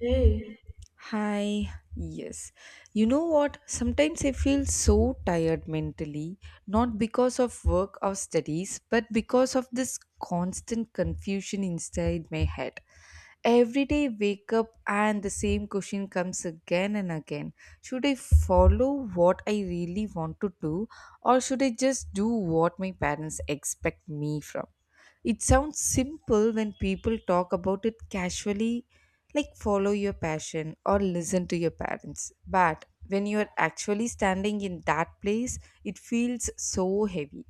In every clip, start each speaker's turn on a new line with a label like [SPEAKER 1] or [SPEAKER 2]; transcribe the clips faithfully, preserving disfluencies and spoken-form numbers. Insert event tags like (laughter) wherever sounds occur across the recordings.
[SPEAKER 1] Hey,
[SPEAKER 2] Hi, yes. You know what? Sometimes I feel so tired mentally, not because of work or studies, but because of this constant confusion inside my head. Every day I wake up and the same question comes again and again. Should I follow what I really want to do or should I just do what my parents expect me from? It sounds simple when people talk about it casually, like follow your passion or listen to your parents. But when you are actually standing in that place, it feels so heavy.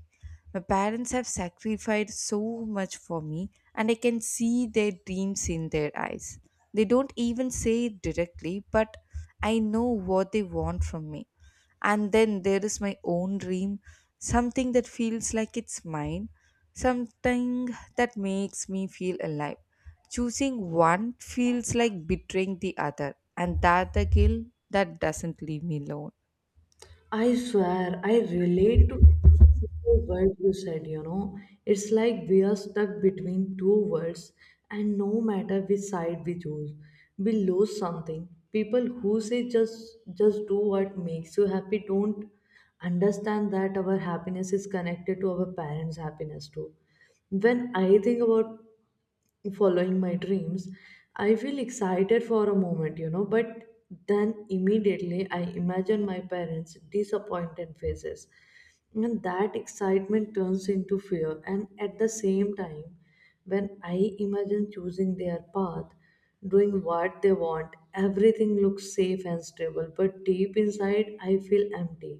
[SPEAKER 2] My parents have sacrificed so much for me, and I can see their dreams in their eyes. They don't even say it directly, but I know what they want from me. And then there is my own dream, something that feels like it's mine, something that makes me feel alive. Choosing one feels like betraying the other, and that the guilt that doesn't leave me alone.
[SPEAKER 1] I swear, I relate to every single word you said, you know. It's like we are stuck between two worlds, and no matter which side we choose, we lose something. People who say just just do what makes you happy don't understand that our happiness is connected to our parents' happiness too. When I think about following my dreams, I feel excited for a moment, you know but then immediately I imagine my parents disappointed faces, and that excitement turns into fear. And at the same time, when I imagine choosing their path, doing what they want, everything looks safe and stable, but deep inside I feel empty,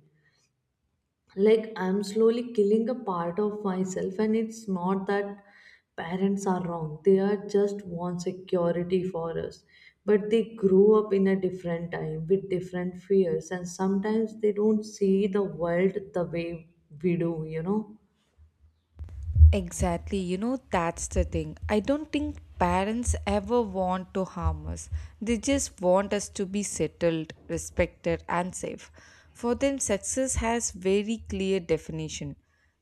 [SPEAKER 1] like I'm slowly killing a part of myself. And it's not that parents are wrong, they are just want security for us, but they grew up in a different time with different fears, and sometimes they don't see the world the way we do you know
[SPEAKER 2] Exactly. You know, that's the thing. I don't think parents ever want to harm us. They just want us to be settled, respected, and safe. For them, success has very clear definition.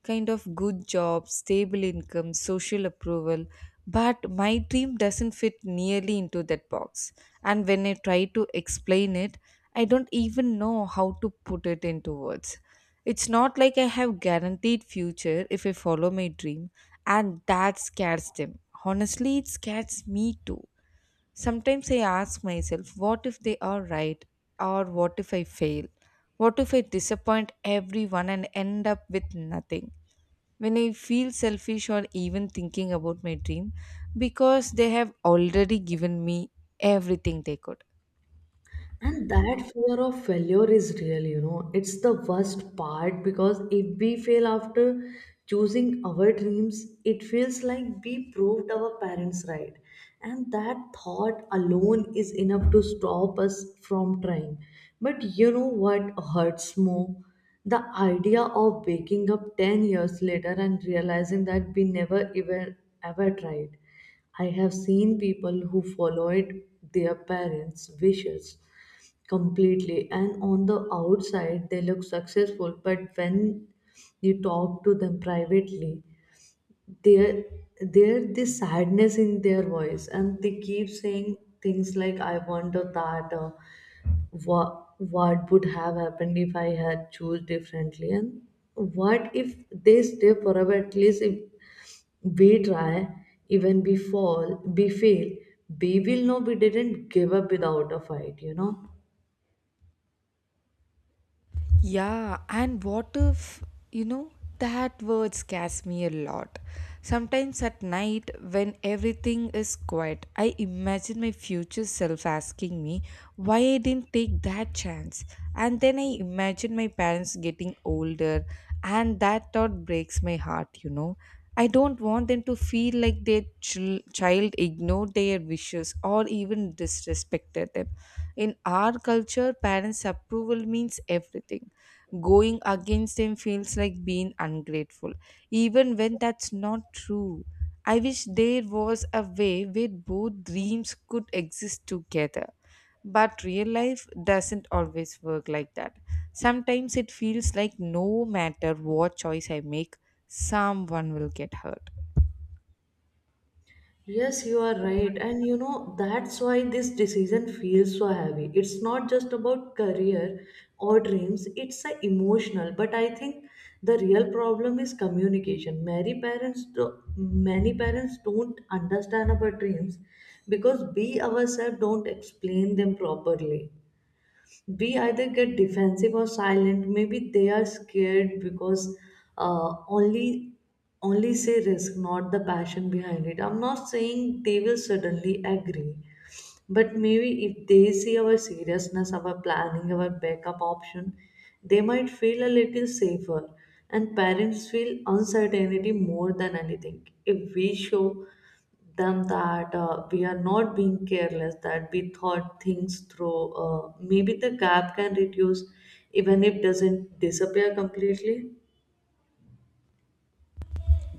[SPEAKER 2] Kind of good job, stable income, social approval. But my dream doesn't fit nearly into that box. And when I try to explain it, I don't even know how to put it into words. It's not like I have guaranteed future if I follow my dream and that scares them. Honestly, it scares me too. Sometimes I ask myself, what if they are right or what if I fail? What if I disappoint everyone and end up with nothing? When I feel selfish or even thinking about my dream because they have already given me everything they could.
[SPEAKER 1] And that fear of failure is real, you know. It's the worst part because if we fail after choosing our dreams, it feels like we proved our parents right. And that thought alone is enough to stop us from trying. But you know what hurts more? The idea of waking up ten years later and realizing that we never even ever tried. I have seen people who followed their parents' wishes completely, and on the outside they look successful, but when you talk to them privately, there there this sadness in their voice. And they keep saying things like, I wonder that uh, what what would have happened if I had choose differently. And what if they stay forever? At least if we try, even we fall, we fail, we will know we didn't give up without a fight you know
[SPEAKER 2] Yeah, and what if, you know, that word scares me a lot. Sometimes at night, when everything is quiet, I imagine my future self asking me why I didn't take that chance. And then I imagine my parents getting older, and that thought breaks my heart, you know. I don't want them to feel like their chil- child ignored their wishes or even disrespected them. In our culture, parents' approval means everything going against him feels like being ungrateful, even when that's not true. I wish there was a way where both dreams could exist together. But real life doesn't always work like that. Sometimes it feels like no matter what choice I make, someone will get hurt.
[SPEAKER 1] Yes, you are right. And you know, that's why this decision feels so heavy. It's not just about career or dreams, it's a emotional. But I think the real problem is communication. Many parents do, many parents don't understand our dreams because we ourselves don't explain them properly. We either get defensive or silent. Maybe they are scared because uh, only only say risk, not the passion behind it. I'm not saying they will suddenly agree, but maybe if they see our seriousness, our planning, our backup option, they might feel a little safer. And parents feel uncertainty more than anything. If we show them that uh, we are not being careless, that we thought things through, uh, maybe the gap can reduce, even if doesn't disappear completely.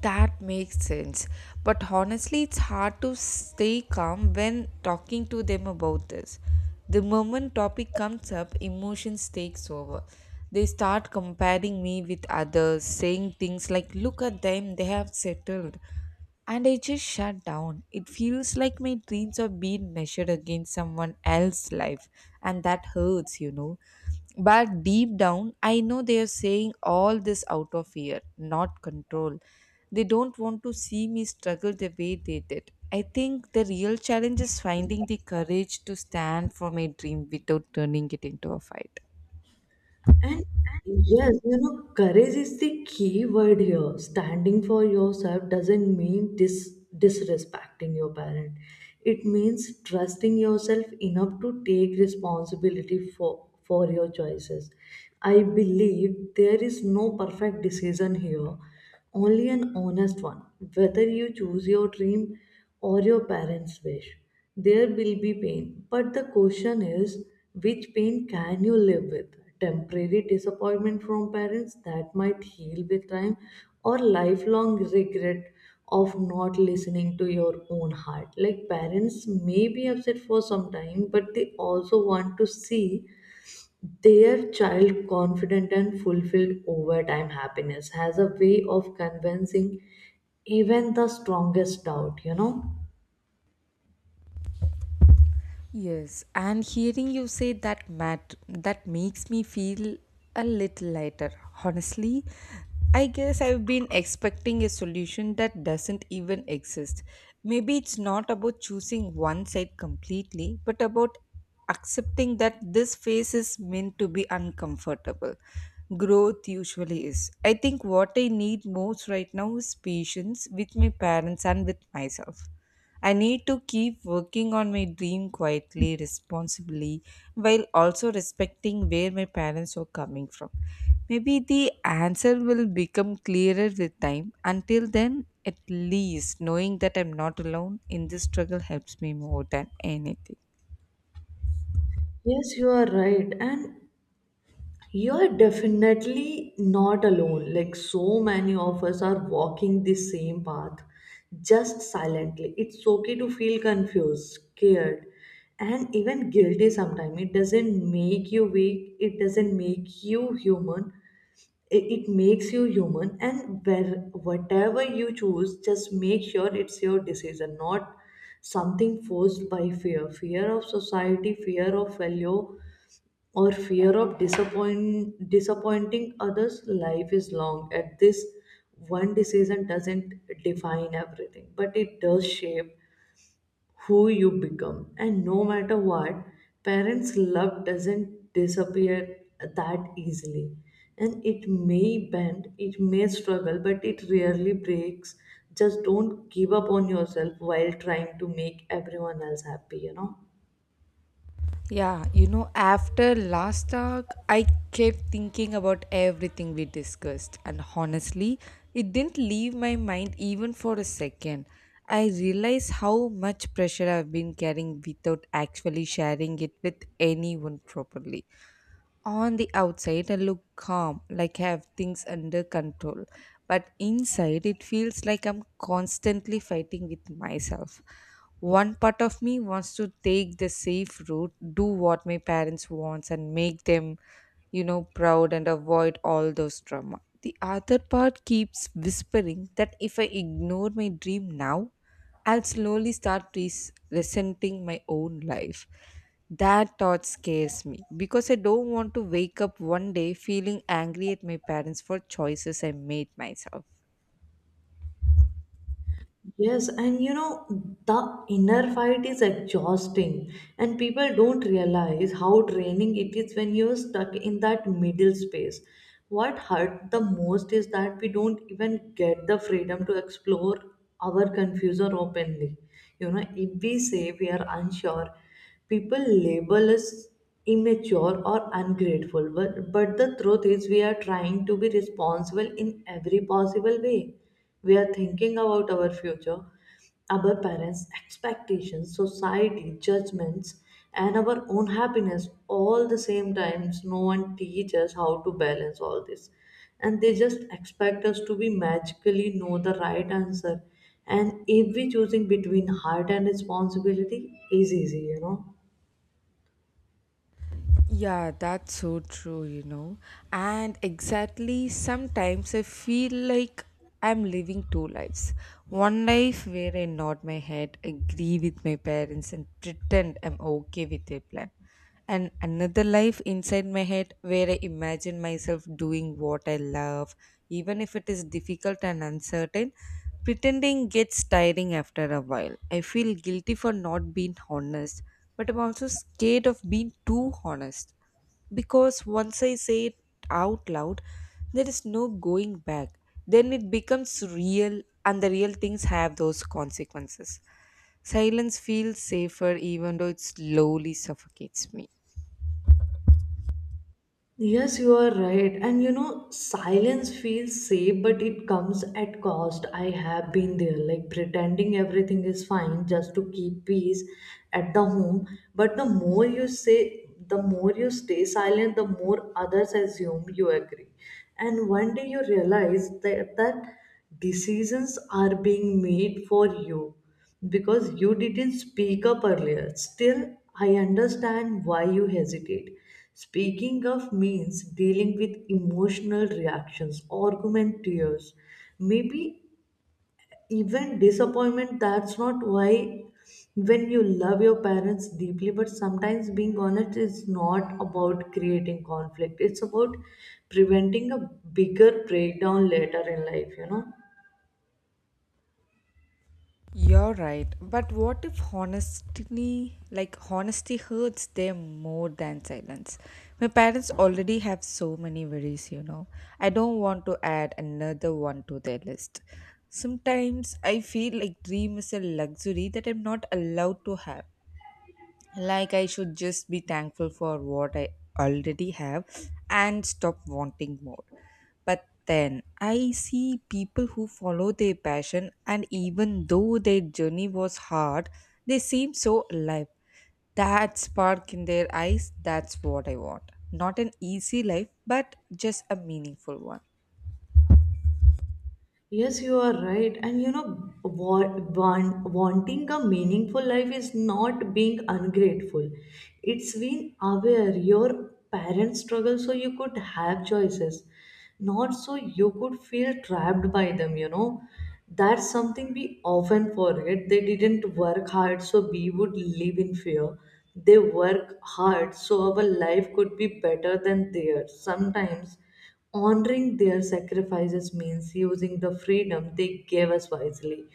[SPEAKER 2] That makes sense. But honestly, it's hard to stay calm when talking to them about this. The moment topic comes up, emotions takes over. They start comparing me with others, saying things like, "Look at them, they have settled." And I just shut down. It feels like my dreams are being measured against someone else's life, and that hurts, you know. But deep down, I know they are saying all this out of fear, not control. They don't want to see me struggle the way they did. I think the real challenge is finding the courage to stand for my dream without turning it into a fight.
[SPEAKER 1] And yes, you know, courage is the key word here. Standing for yourself doesn't mean dis- disrespecting your parent. It means trusting yourself enough to take responsibility for, for your choices. I believe there is no perfect decision here, only an honest one. Whether you choose your dream or your parents' wish, there will be pain. But the question is, which pain can you live with? Temporary disappointment from parents that might heal with time, or lifelong regret of not listening to your own heart. Like, parents may be upset for some time, but they also want to see their child confident and fulfilled. Overtime happiness has a way of convincing even the strongest doubt, you know?
[SPEAKER 2] Yes, and hearing you say that mat that makes me feel a little lighter. Honestly, I guess I've been expecting a solution that doesn't even exist. Maybe it's not about choosing one side completely, but about accepting that this phase is meant to be uncomfortable. Growth usually is. I think what I need most right now is patience with my parents and with myself. I need to keep working on my dream quietly, responsibly, while also respecting where my parents are coming from. Maybe the answer will become clearer with time. Until then, at least knowing that I'm not alone in this struggle helps me more than anything.
[SPEAKER 1] Yes, you are right. And you are definitely not alone. Like, so many of us are walking the same path, just silently. It's okay to feel confused, scared, and even guilty sometimes. It doesn't make you weak, it doesn't make you human. it, it makes you human. And where whatever you choose, just make sure it's your decision, not something forced by fear. Fear of society, fear of failure, or fear of disappoint disappointing others. Life is long. At this one decision doesn't define everything, but it does shape who you become. And no matter what, parents' love doesn't disappear that easily. And it may bend, it may struggle, but it rarely breaks. Just don't give up on yourself while trying to make everyone else happy, you know?
[SPEAKER 2] Yeah, you know, after last talk, I kept thinking about everything we discussed, and honestly, it didn't leave my mind even for a second. I realized how much pressure I've been carrying without actually sharing it with anyone properly. On the outside, I look calm, like I have things under control, but inside, it feels like I'm constantly fighting with myself. One part of me wants to take the safe route, do what my parents wants and make them, you know, proud and avoid all those trauma. The other part keeps whispering that if I ignore my dream now, I'll slowly start res- resenting my own life. That thought scares me because I don't want to wake up one day feeling angry at my parents for choices I made myself.
[SPEAKER 1] Yes, and you know, the inner fight is exhausting, and people don't realize how draining it is when you're stuck in that middle space. What hurt the most is that we don't even get the freedom to explore our confusion openly. You know, if we say we are unsure, people label us immature or ungrateful, but, but the truth is we are trying to be responsible in every possible way. We are thinking about our future, our parents expectations, society judgments, and our own happiness all the same times. No one teaches us how to balance all this, and they just expect us to be magically know the right answer. And every choosing between heart and responsibility is easy you know
[SPEAKER 2] Yeah, that's so true, you know. And exactly sometimes I feel like I'm living two lives. One life where I nod my head, agree with my parents, and pretend I'm okay with their plan. And another life inside my head where I imagine myself doing what I love, even if it is difficult and uncertain. Pretending gets tiring after a while. I feel guilty for not being honest, but I'm also scared of being too honest because once I say it out loud, there is no going back. Then it becomes real, and the real things have those consequences. Silence feels safer even though it slowly suffocates me.
[SPEAKER 1] Yes, you are right. And you know, silence feels safe, but it comes at cost. I have been there, like pretending everything is fine just to keep peace at the home. But the more you say, the more you stay silent, the more others assume you agree. And one day you realize that, that decisions are being made for you because you didn't speak up earlier. Still, I understand why you hesitate. Speaking up means dealing with emotional reactions, argument, tears, maybe even disappointment. That's not why when you love your parents deeply, but sometimes being honest is not about creating conflict, it's about preventing a bigger breakdown later in life, you know.
[SPEAKER 2] You're right, but what if honesty, like honesty, hurts them more than silence? My parents already have so many worries, you know. I don't want to add another one to their list. Sometimes I feel like dream is a luxury that I'm not allowed to have, like I should just be thankful for what I already have and stop wanting more. But then I see people who follow their passion, and even though their journey was hard, they seem so alive. That spark in their eyes, that's what I want. Not an easy life, but just a meaningful one.
[SPEAKER 1] Yes, you are right. And you know, wa- want, wanting a meaningful life is not being ungrateful. It's being aware your parents struggle so you could have choices, not so you could feel trapped by them, you know. That's something we often forget. They didn't work hard so we would live in fear. They work hard so our life could be better than theirs. Sometimes honoring their sacrifices means using the freedom they gave us wisely,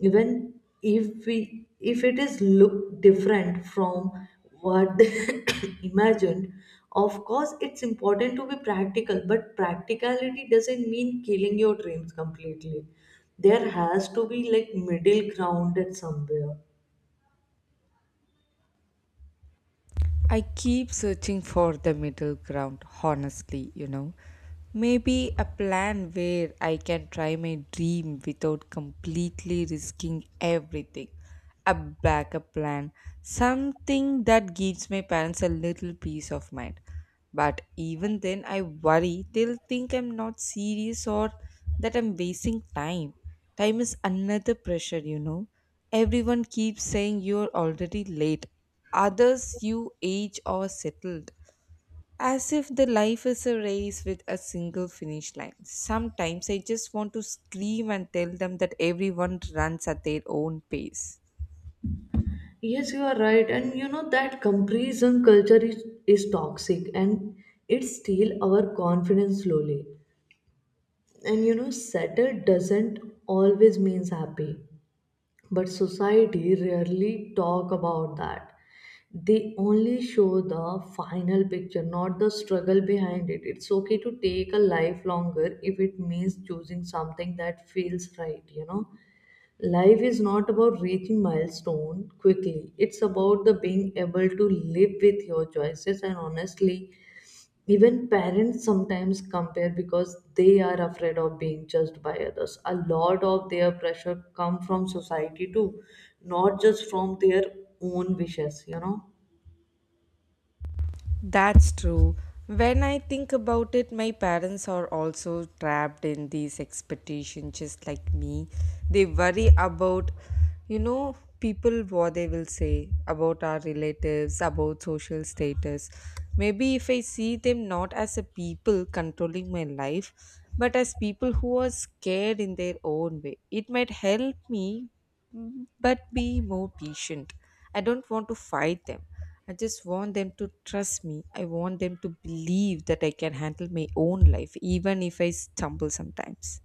[SPEAKER 1] even if we if it is look different from what they (coughs) imagined. Of course, it's important to be practical, but practicality doesn't mean killing your dreams completely. There has to be like middle ground at somewhere.
[SPEAKER 2] I keep searching for the middle ground, honestly, you know. Maybe a plan where I can try my dream without completely risking everything. A backup plan, something that gives my parents a little peace of mind. But even then, I worry they'll think I'm not serious or that I'm wasting time. Time is another pressure, you know. Everyone keeps saying you're already late, others you age or settled, as if the life is a race with a single finish line. Sometimes I just want to scream and tell them that everyone runs at their own pace.
[SPEAKER 1] Yes, you are right. And you know that comparison culture is, is toxic, and it steals our confidence slowly. And you know, settled doesn't always means happy, but society rarely talk about that. They only show the final picture, not the struggle behind it. It's okay to take a life longer if it means choosing something that feels right, you know. Life is not about reaching milestone quickly. It's about the being able to live with your choices. And honestly, even parents sometimes compare because they are afraid of being judged by others. A lot of their pressure come from society too, not just from their own wishes, you know.
[SPEAKER 2] That's true. When I think about it, my parents are also trapped in these expectations, just like me. They worry about, you know, people what they will say about our relatives, about social status. Maybe if I see them not as a people controlling my life, but as people who are scared in their own way, it might help me Mm, but be more patient. I don't want to fight them. I just want them to trust me. I want them to believe that I can handle my own life, even if I stumble sometimes.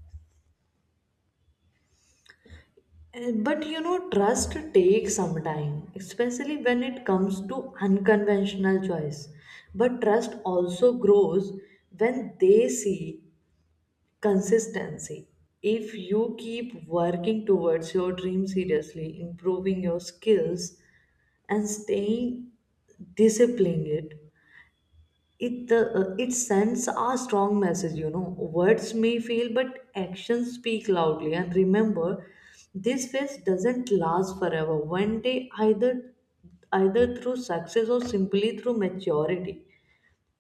[SPEAKER 1] And- But you know, trust takes some time, especially when it comes to unconventional choice. But trust also grows when they see consistency. If you keep working towards your dream seriously, improving your skills, and staying disciplined, it it uh, it sends a strong message. you know words may fail but actions speak loudly. And remember, this phase doesn't last forever. One day, either either through success or simply through maturity,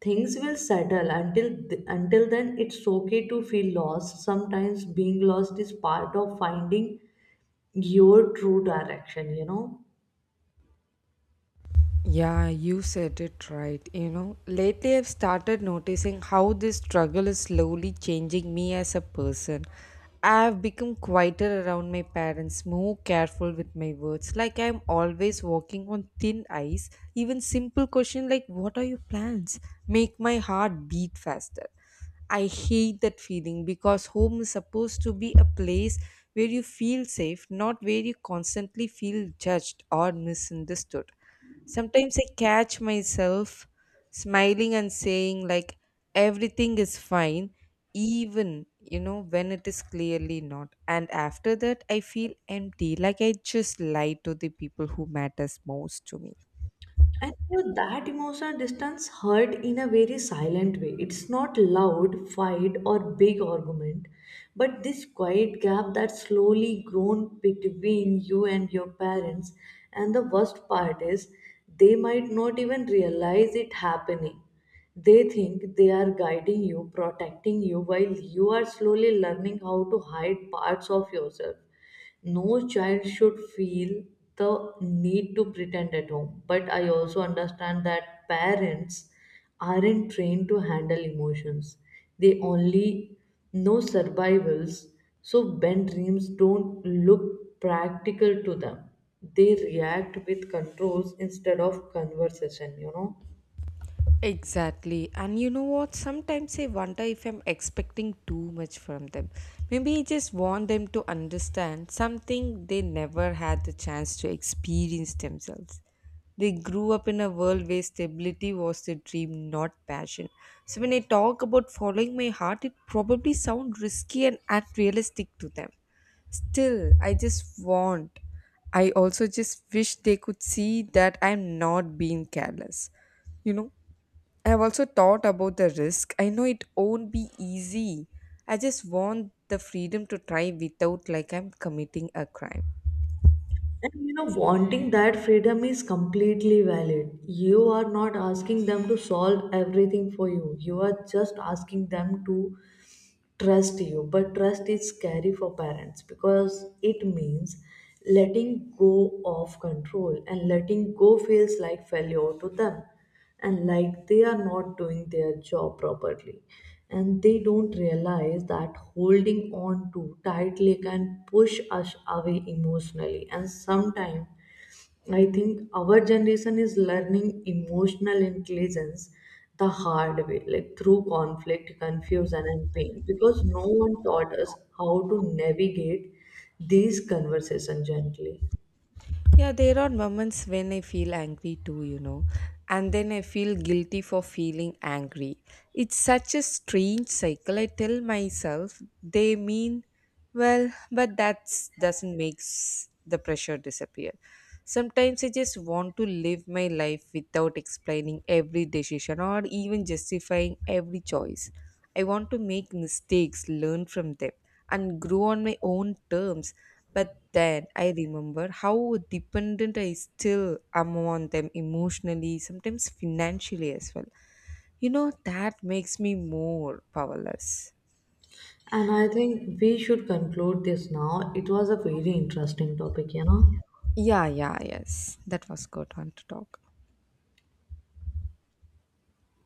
[SPEAKER 1] things will settle. Until th- until then, it's okay to feel lost. Sometimes being lost is part of finding your true direction, you know.
[SPEAKER 2] Yeah, you said it right. You know, lately I've started noticing how this struggle is slowly changing me as a person. I've become quieter around my parents, more careful with my words. Like I'm always walking on thin ice. Even simple question like what are your plans make my heart beat faster. I hate that feeling because home is supposed to be a place where you feel safe, not where you constantly feel judged or misunderstood. Sometimes I catch myself smiling and saying, like, everything is fine, even, you know, when it is clearly not. And after that, I feel empty, like I just lied to the people who matters most to me.
[SPEAKER 1] And so that emotional distance hurt in a very silent way. It's not loud fight or big argument, but this quiet gap that slowly grown between you and your parents. And the worst part is they might not even realize it happening. They think they are guiding you, protecting you, while you are slowly learning how to hide parts of yourself. No child should feel the need to pretend at home. But I also understand that parents aren't trained to handle emotions, they only know survivals. So, when dreams don't look practical to them, they react with controls instead of conversation, you know.
[SPEAKER 2] Exactly. And you know what? Sometimes I wonder if I'm expecting too much from them. Maybe I just want them to understand something they never had the chance to experience themselves. They grew up in a world where stability was their dream, not passion. So when I talk about following my heart, it probably sounds risky and unrealistic to them. Still, I just want. I also just wish they could see that I'm not being careless. You know? I have also thought about the risk. I know it won't be easy. I just want the freedom to try without like I'm committing a crime.
[SPEAKER 1] And you know, wanting that freedom is completely valid. You are not asking them to solve everything for you. You are just asking them to trust you. But trust is scary for parents because it means letting go of control, and letting go feels like failure to them, and like they are not doing their job properly. And they don't realize that holding on too tightly can push us away emotionally. And sometimes I think our generation is learning emotional intelligence the hard way, like through conflict, confusion, and pain, because no one taught us how to navigate these conversations gently.
[SPEAKER 2] Yeah, there are moments when I feel angry too, you know, and then I feel guilty for feeling angry. It's such a strange cycle. I tell myself they mean well, but that doesn't make the pressure disappear. Sometimes I just want to live my life without explaining every decision or even justifying every choice. I want to make mistakes, learn from them, and grow on my own terms, but then I remember how dependent I still am on them emotionally, sometimes financially as well. You know, that makes me more powerless.
[SPEAKER 1] And I think we should conclude this now. It was a very interesting topic, you know.
[SPEAKER 2] Yeah, yeah, yes. That was good one to talk.